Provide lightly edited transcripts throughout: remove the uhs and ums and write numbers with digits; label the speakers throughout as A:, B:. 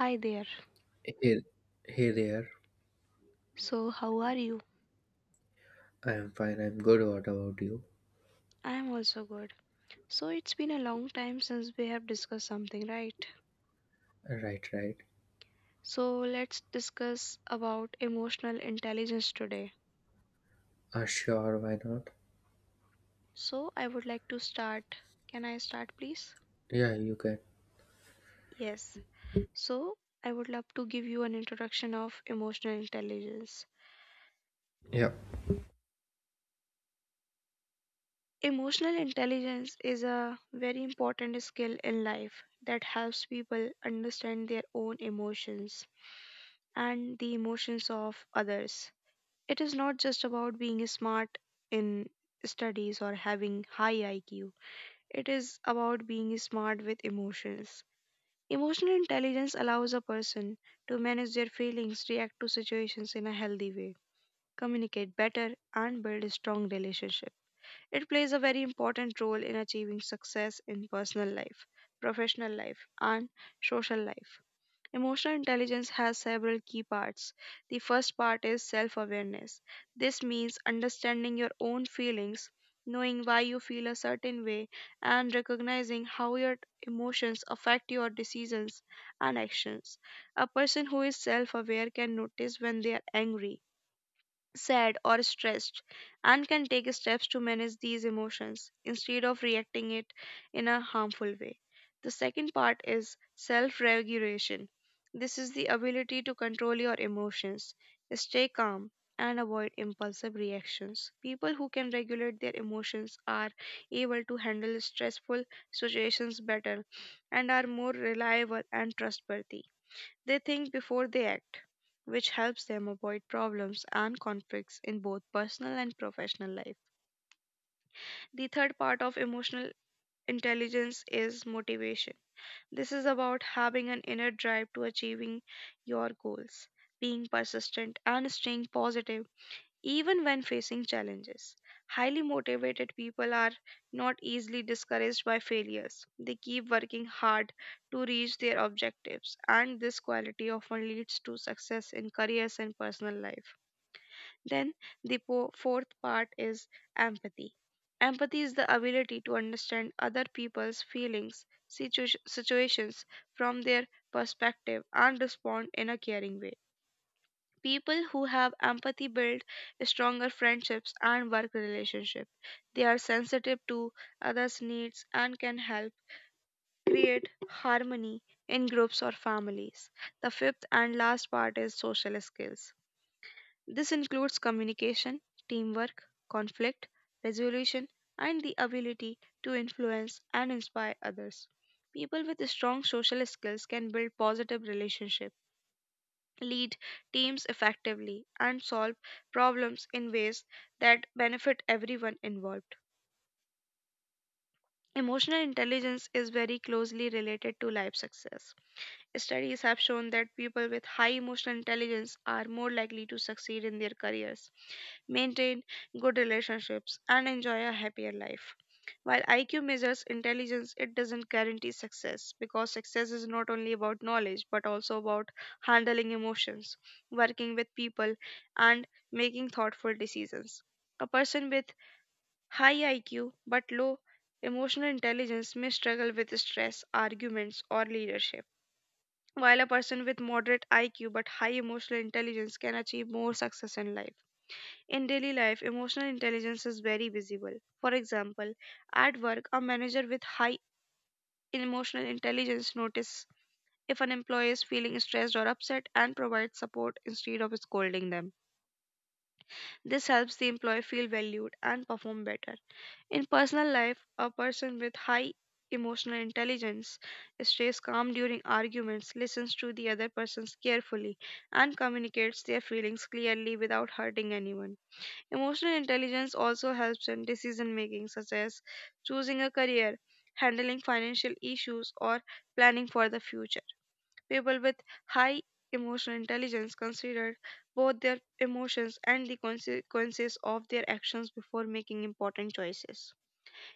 A: Hi there.
B: Hey, hey there.
A: So, how are you?
B: I'm fine. I'm good. What about you?
A: I am also good. So, it's been a long time since we have discussed something, right?
B: Right, right.
A: So, let's discuss about emotional intelligence today.
B: Sure. Why not?
A: So, I would like to start. Can I start, please?
B: Yeah, you can.
A: Yes. So, I would love to give you an introduction of emotional intelligence.
B: Yeah.
A: Emotional intelligence is a very important skill in life that helps people understand their own emotions and the emotions of others. It is not just about being smart in studies or having high IQ. It is about being smart with emotions. Emotional intelligence allows a person to manage their feelings, react to situations in a healthy way, communicate better, and build a strong relationship. It plays a very important role in achieving success in personal life, professional life, and social life. Emotional intelligence has several key parts. The first part is self awareness. This means understanding your own feelings, knowing why you feel a certain way, and recognizing how your emotions affect your decisions and actions. A person who is self aware can notice when they are angry, sad, or stressed, and can take steps to manage these emotions instead of reacting it in a harmful way. The second part is self regulation. This is the ability to control your emotions, stay calm, and avoid impulsive reactions. People who can regulate their emotions are able to handle stressful situations better and are more reliable and trustworthy. They think before they act, which helps them avoid problems and conflicts in both personal and professional life. The third part of emotional intelligence is motivation. This is about having an inner drive to achieving your goals, being persistent, and staying positive even when facing challenges. Highly motivated people are not easily discouraged by failures. They keep working hard to reach their objectives, and this quality often leads to success in careers and personal life. Then, the fourth part is empathy. Empathy is the ability to understand other people's feelings, situations from their perspective, and respond in a caring way. People who have empathy build stronger friendships and work relationships. They are sensitive to others' needs and can help create harmony in groups or families. The fifth and last part is social skills. This includes communication, teamwork, conflict resolution, and the ability to influence and inspire others. People with strong social skills can build positive relationships, lead teams effectively, and solve problems in ways that benefit everyone involved. Emotional intelligence is very closely related to life success. Studies have shown that people with high emotional intelligence are more likely to succeed in their careers, maintain good relationships, and enjoy a happier life. While IQ measures intelligence, it doesn't guarantee success because success is not only about knowledge but also about handling emotions, working with people, and making thoughtful decisions. A person with high IQ but low emotional intelligence may struggle with stress, arguments, or leadership, while a person with moderate IQ but high emotional intelligence can achieve more success in life. In daily life, emotional intelligence is very visible. For example, at work, a manager with high emotional intelligence notices if an employee is feeling stressed or upset and provides support instead of scolding them. This helps the employee feel valued and perform better. In personal life, a person with high emotional intelligence stays calm during arguments, listens to the other person carefully, and communicates their feelings clearly without hurting anyone. Emotional intelligence also helps in decision making, such as choosing a career, handling financial issues, or planning for the future. People with high emotional intelligence consider both their emotions and the consequences of their actions before making important choices.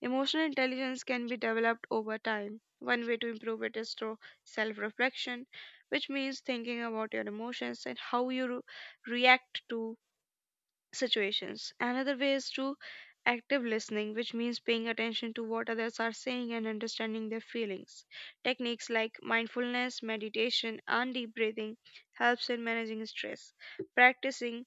A: Emotional intelligence can be developed over time. One way to improve it is through self reflection, which means thinking about your emotions and how you react to situations. Another way is through active listening, which means paying attention to what others are saying and understanding their feelings. Techniques like mindfulness, meditation, and deep breathing helps in managing stress. Practicing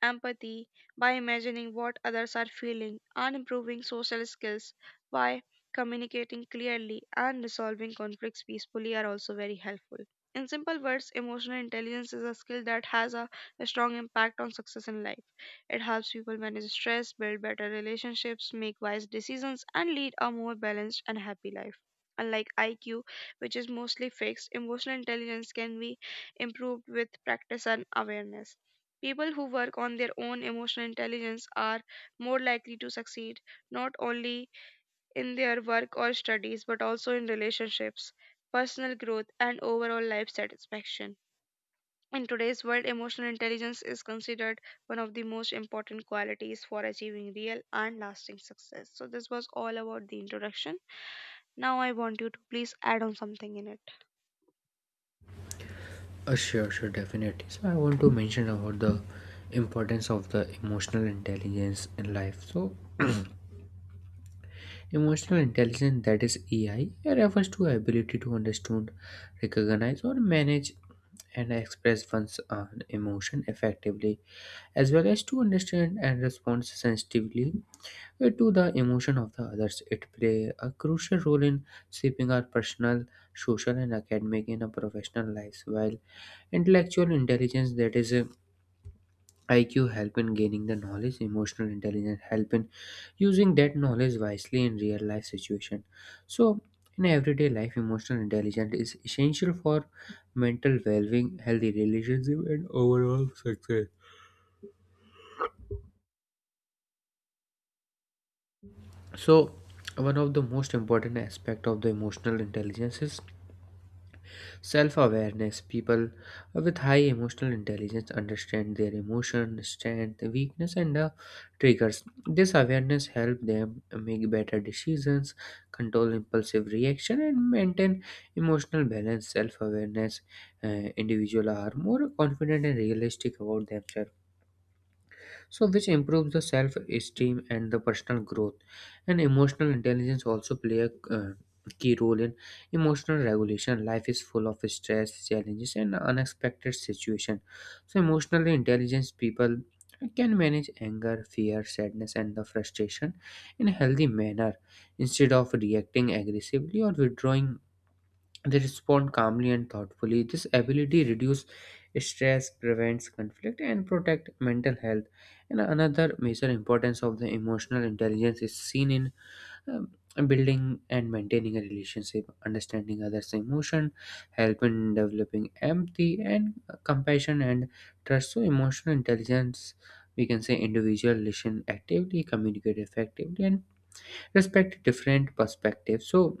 A: empathy by imagining what others are feeling, and improving social skills by communicating clearly and resolving conflicts peacefully are also very helpful. In simple words, emotional intelligence is a skill that has a strong impact on success in life. It helps people manage stress, build better relationships, make wise decisions, and lead a more balanced and happy life. Unlike IQ, which is mostly fixed, emotional intelligence can be improved with practice and awareness. People who work on their own emotional intelligence are more likely to succeed not only in their work or studies but also in relationships, personal growth, and overall life satisfaction. In today's world, emotional intelligence is considered one of the most important qualities for achieving real and lasting success. So, this was all about the introduction. Now, I want you to please add on something in it.
B: Sure, sure. Definitely. So I want to mention about the importance of the emotional intelligence in life. So emotional intelligence, that is EI, it refers to ability to understand, recognize, or manage and express one's emotion effectively, as well as to understand and respond sensitively to the emotion of the others. It play a crucial role in shaping our personal, social, and academic in our professional lives. While intellectual intelligence, that is IQ, help in gaining the knowledge. Emotional intelligence help in using that knowledge wisely in real life situation. So, in everyday life, emotional intelligence is essential for mental well-being, healthy relationship, and overall success. So one of the most important aspect of the emotional intelligence is self-awareness. People with high emotional intelligence understand their emotion strength weakness and triggers. This awareness help them make better decisions, control impulsive reaction, and maintain emotional balance. Self-awareness uh, individual are more confident and realistic about themselves, so which improves the self esteem and the personal growth. And emotional intelligence also play a uh, key role in emotional regulation. Life is full of stress, challenges, and unexpected situation. So emotionally intelligent people can manage anger, fear, sadness, and the frustration in a healthy manner instead of reacting aggressively or withdrawing. They respond calmly and thoughtfully. This ability reduces stress, prevents conflict, and protect mental health. And another major importance of the emotional intelligence is seen in um, building and maintaining a relationship. Understanding others' emotion help in developing empathy and compassion and trust. So, emotional intelligence, we can say, individual listen actively, communicate effectively, and respect different perspectives. So,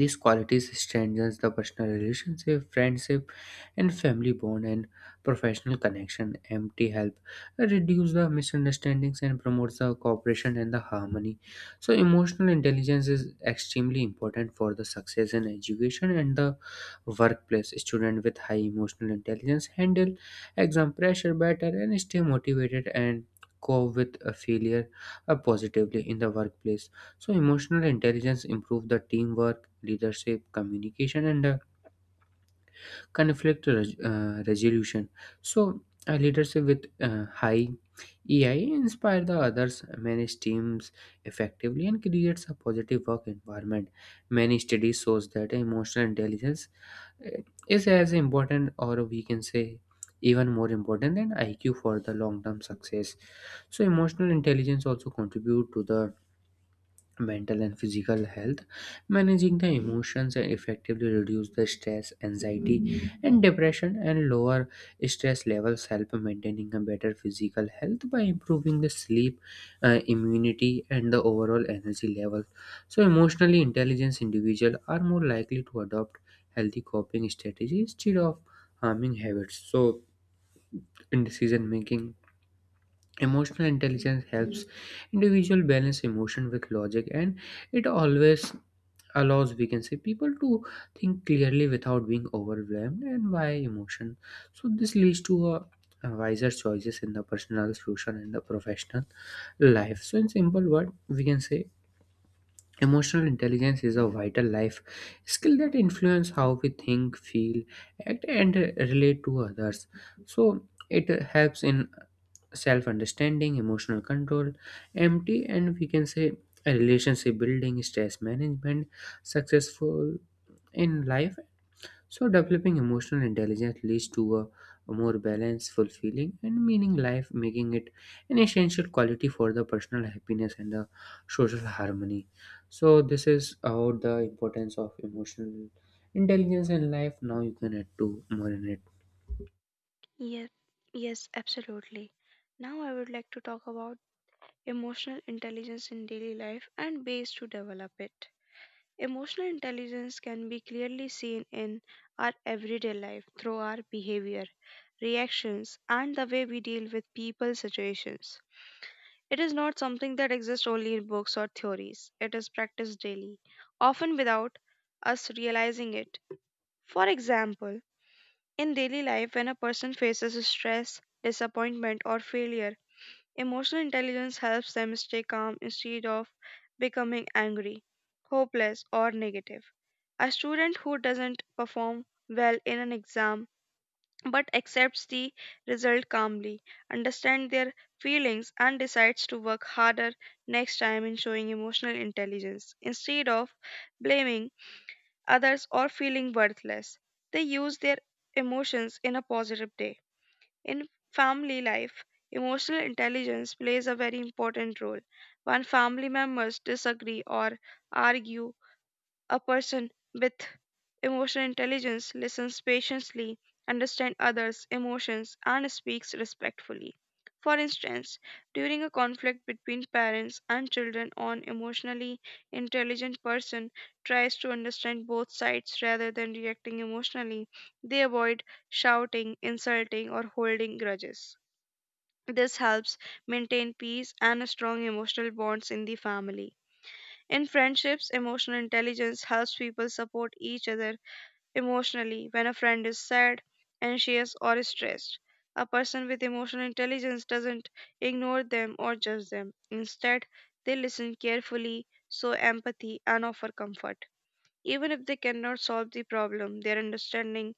B: these qualities strengthens the personal relationship, friendship, and family bond, and professional connection. Empty help reduce the misunderstandings and promotes the cooperation and the harmony. So emotional intelligence is extremely important for the success in education and the workplace. Student with high emotional intelligence handle exam pressure better and stay motivated and cope with a failure positively. In the workplace, so emotional intelligence improve the teamwork, leadership, communication, and resolution. So a leadership with high EI inspire the others, manage teams effectively, and creates a positive work environment. Many studies shows that emotional intelligence uh, is as important, or we can say, even more important than IQ for the long-term success. So emotional intelligence also contribute to the mental and physical health. Managing the emotions and effectively reduce the stress, anxiety, and depression, and lower stress levels help maintaining a better physical health by improving the sleep, immunity, and the overall energy level. So emotionally intelligent individuals are more likely to adopt healthy coping strategies instead of harming habits. So in decision making, emotional intelligence helps individual balance emotion with logic, and it always allows, we can say, people to think clearly without being overwhelmed and by emotion. So this leads to a wiser choices in the personal, social, and the professional life. So in simple word, we can say emotional intelligence is a vital life skill that influence how we think, feel, act, and relate to others. So it helps in self understanding, emotional control, empty, and we can say a relationship building, stress management, successful in life. So, developing emotional intelligence leads to a more balanced, fulfilling, and meaning life, making it an essential quality for the personal happiness and the social harmony. So, this is about the importance of emotional intelligence in life. Now, you can add to more in it.
A: Yes, yes, absolutely. Now, I would like to talk about emotional intelligence in daily life and ways to develop it. Emotional intelligence can be clearly seen in our everyday life through our behavior, reactions, and the way we deal with people situations. It is not something that exists only in books or theories. It is practiced daily, often without us realizing it. For example, in daily life, when a person faces stress, disappointment, or failure, emotional intelligence helps them stay calm instead of becoming angry, hopeless, or negative. A student who doesn't perform well in an exam but accepts the result calmly, understands their feelings, and decides to work harder next time in showing emotional intelligence instead of blaming others or feeling worthless. They use their emotions in a positive way. In family life, emotional intelligence plays a very important role. When family members disagree or argue, a person with emotional intelligence listens patiently, understands others' emotions, and speaks respectfully. For instance, during a conflict between parents and children, an emotionally intelligent person tries to understand both sides rather than reacting emotionally. They avoid shouting, insulting, or holding grudges. This helps maintain peace and strong emotional bonds in the family. In friendships, emotional intelligence helps people support each other emotionally when a friend is sad, anxious, or stressed. A person with emotional intelligence doesn't ignore them or judge them. Instead, they listen carefully, show empathy, and offer comfort. Even if they cannot solve the problem, their understanding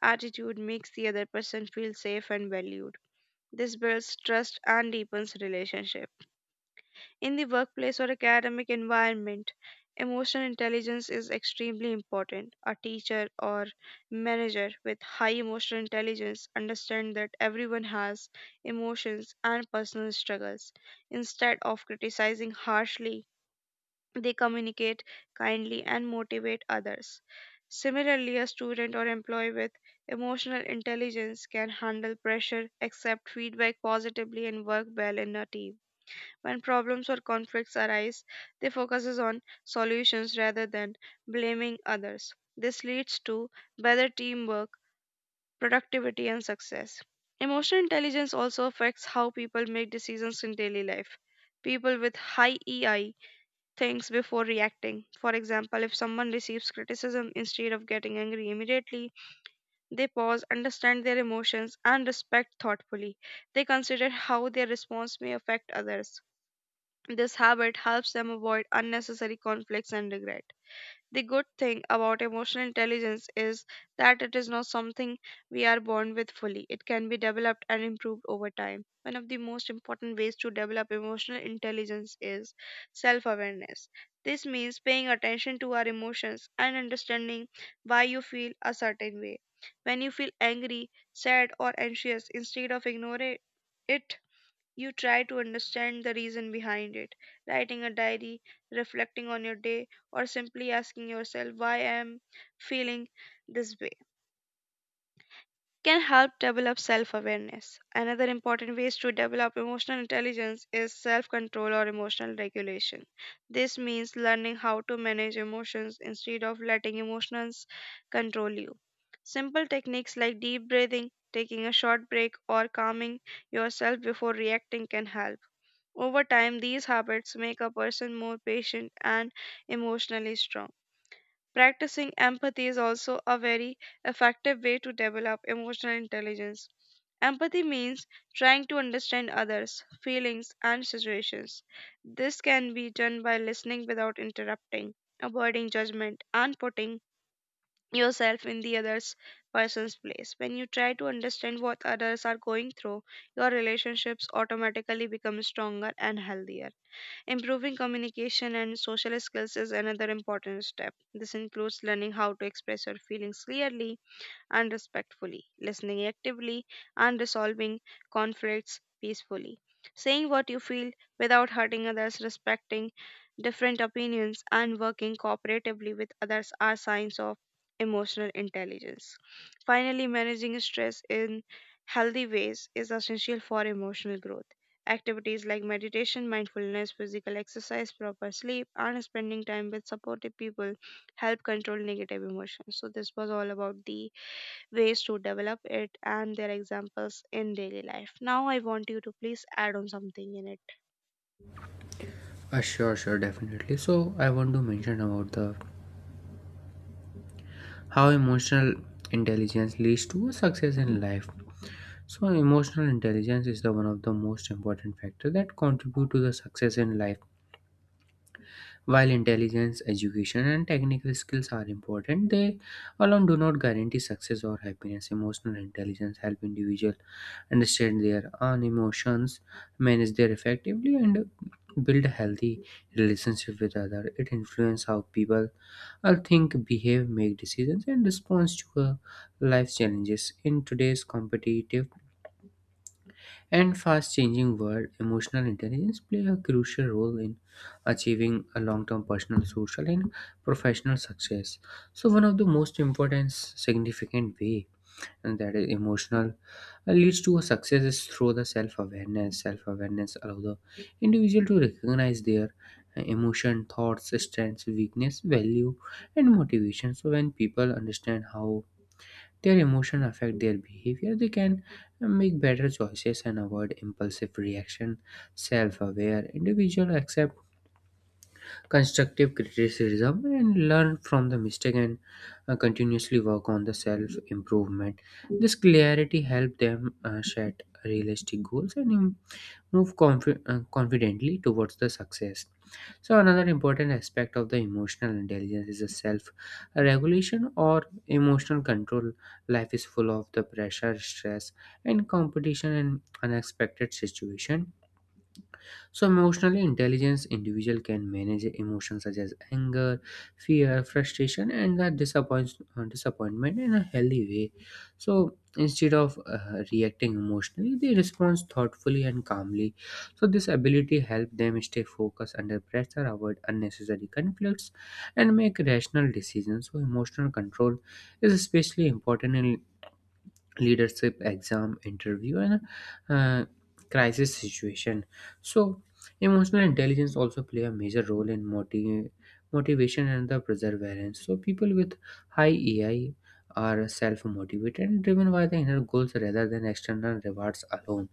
A: attitude makes the other person feel safe and valued. This builds trust and deepens relationship. In the workplace or academic environment, emotional intelligence is extremely important. A teacher or manager with high emotional intelligence understands that everyone has emotions and personal struggles. Instead of criticizing harshly, they communicate kindly and motivate others. Similarly, a student or employee with emotional intelligence can handle pressure, accept feedback positively, and work well in a team. When problems or conflicts arise, they focuses on solutions rather than blaming others. This leads to better teamwork, productivity, and success. Emotional intelligence also affects how people make decisions in daily life. People with high EI thinks before reacting. For example, if someone receives criticism instead of getting angry immediately, they pause, understand their emotions, and respect thoughtfully. They consider how their response may affect others. This habit helps them avoid unnecessary conflicts and regret. The good thing about emotional intelligence is that it is not something we are born with fully. It can be developed and improved over time. One of the most important ways to develop emotional intelligence is self awareness. This means paying attention to our emotions and understanding why you feel a certain way. When you feel angry, sad, or anxious, instead of ignoring it, you try to understand the reason behind it. Writing a diary, reflecting on your day, or simply asking yourself why I am feeling this way can help develop self awareness. Another important ways to develop emotional intelligence is self control or emotional regulation. This means learning how to manage emotions instead of letting emotions control you. Simple techniques like deep breathing, taking a short break, or calming yourself before reacting can help. Over time, these habits make a person more patient and emotionally strong. Practicing empathy is also a very effective way to develop emotional intelligence. Empathy means trying to understand others' feelings and situations. This can be done by listening without interrupting, avoiding judgment, and putting yourself in the other person's place. When you try to understand what others are going through, your relationships automatically become stronger and healthier. Improving communication and social skills is another important step. This includes learning how to express your feelings clearly and respectfully, listening actively, and resolving conflicts peacefully. Saying what you feel without hurting others, respecting different opinions, and working cooperatively with others are signs of emotional intelligence. Finally, managing stress in healthy ways is essential for emotional growth. Activities like meditation, mindfulness, physical exercise, proper sleep, and spending time with supportive people help control negative emotions. So, this was all about the ways to develop it and their examples in daily life. Now, I want you to please add on something in it.
B: Sure, sure, definitely. So I want to mention about the how emotional intelligence leads to success in life. So emotional intelligence is the one of the most important factor that contribute to the success in life. While intelligence, education, and technical skills are important, they alone do not guarantee success or happiness. Emotional intelligence help individuals understand their own emotions, manage their effectively, and build a healthy relationship with others. It influences how people I think, behave, make decisions, and respond to life's challenges. In today's competitive and fast changing world, emotional intelligence play a crucial role in achieving a long-term personal, social, and professional success. So one of the most important significant way, and that is emotional leads to a success is through the self-awareness. Self-awareness allow the individual to recognize their emotion, thoughts, strengths, weakness, value, and motivation. So when people understand how their emotion affect their behavior, they can make better choices and avoid impulsive reaction. Self-aware individual accept constructive criticism and learn from the mistake and continuously work on the self-improvement. This clarity help them set realistic goals and move confidently towards the success. So another important aspect of the emotional intelligence is the self regulation or emotional control. Life is full of the pressure, stress, and competition, and unexpected situation. So emotionally intelligence individual can manage emotions such as anger, fear, frustration, and the disappointment in a healthy way. So instead of reacting emotionally, they respond thoughtfully and calmly. So this ability help them stay focused under pressure, avoid unnecessary conflicts, and make rational decisions. So emotional control is especially important in leadership, exam, interview, and uh, crisis situation. So emotional intelligence also play a major role in motivation and the perseverance. So people with high ai are self-motivated and driven by the inner goals rather than external rewards alone.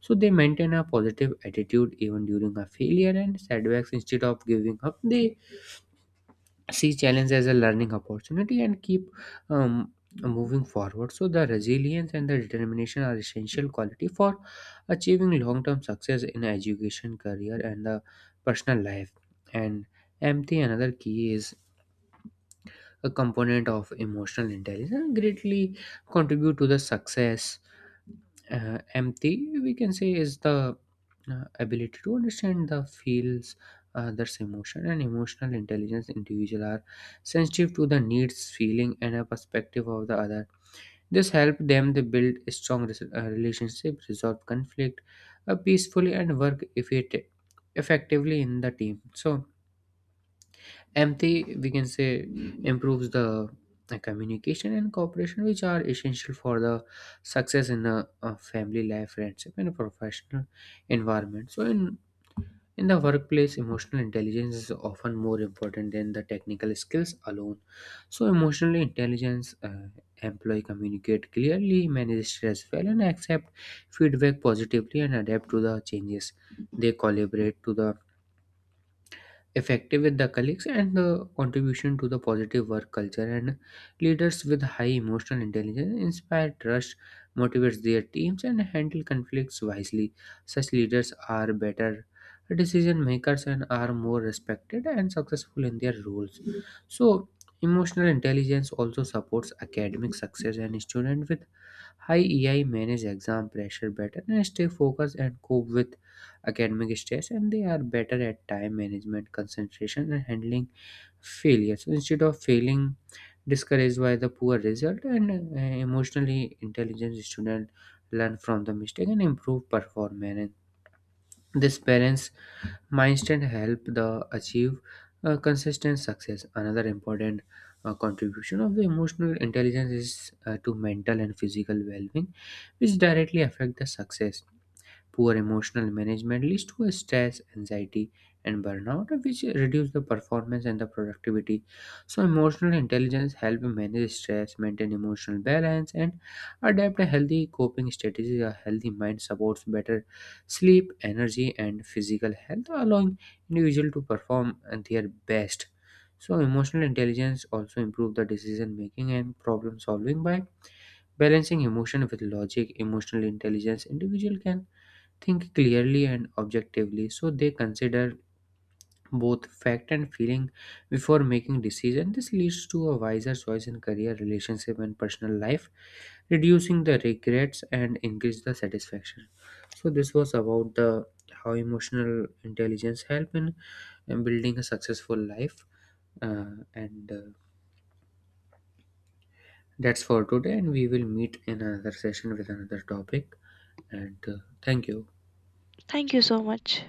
B: So they maintain a positive attitude even during a failure and setbacks. Instead of giving up, they see challenge as a learning opportunity and keep um, moving forward. So the resilience and the determination are essential quality for achieving long-term success in education, career, and the personal life. And empathy, another key, is a component of emotional intelligence greatly contribute to the success. Empathy, we can say, is the ability to understand the feels others emotion, and emotional intelligence individual are sensitive to the needs, feeling, and a perspective of the other. This help them to build a strong relationship, resolve conflict peacefully, and work effectively in the team. So empathy, we can say, improves the communication and cooperation, which are essential for the success in a family life, friendship, and a professional environment. So in the workplace, emotional intelligence is often more important than the technical skills alone. So emotional intelligence employee communicate clearly, manage stress well, and accept feedback positively, and adapt to the changes. They collaborate to the effective with the colleagues and the contribution to the positive work culture. And leaders with high emotional intelligence inspire trust, motivates their teams, and handle conflicts wisely. Such leaders are better decision makers and are more respected and successful in their roles. So emotional intelligence also supports academic success, and students with high EI manage exam pressure better and stay focused and cope with academic stress, and they are better at time management, concentration, and handling failure. So instead of feeling discouraged by the poor result. And emotionally intelligent student learn from the mistake and improve performance. These parents mindset help the achieve consistent success. Another important contribution of the emotional intelligence is to mental and physical well-being, which directly affect the success. Poor emotional management leads to stress, anxiety, and burnout, which reduce the performance and the productivity. So, emotional intelligence helps manage stress, maintain emotional balance, and adapt a healthy coping strategies. A healthy mind supports better sleep, energy, and physical health, allowing individual to perform at their best. So, emotional intelligence also improve the decision making and problem solving by balancing emotion with logic. Emotional intelligence individual can think clearly and objectively, so they consider both fact and feeling before making decision. This leads to a wiser choice in career, relationship, and personal life, reducing the regrets and increase the satisfaction. So this was about the how emotional intelligence help in building a successful life, and that's for today, and we will meet in another session with another topic. And thank you.
A: Thank you so much.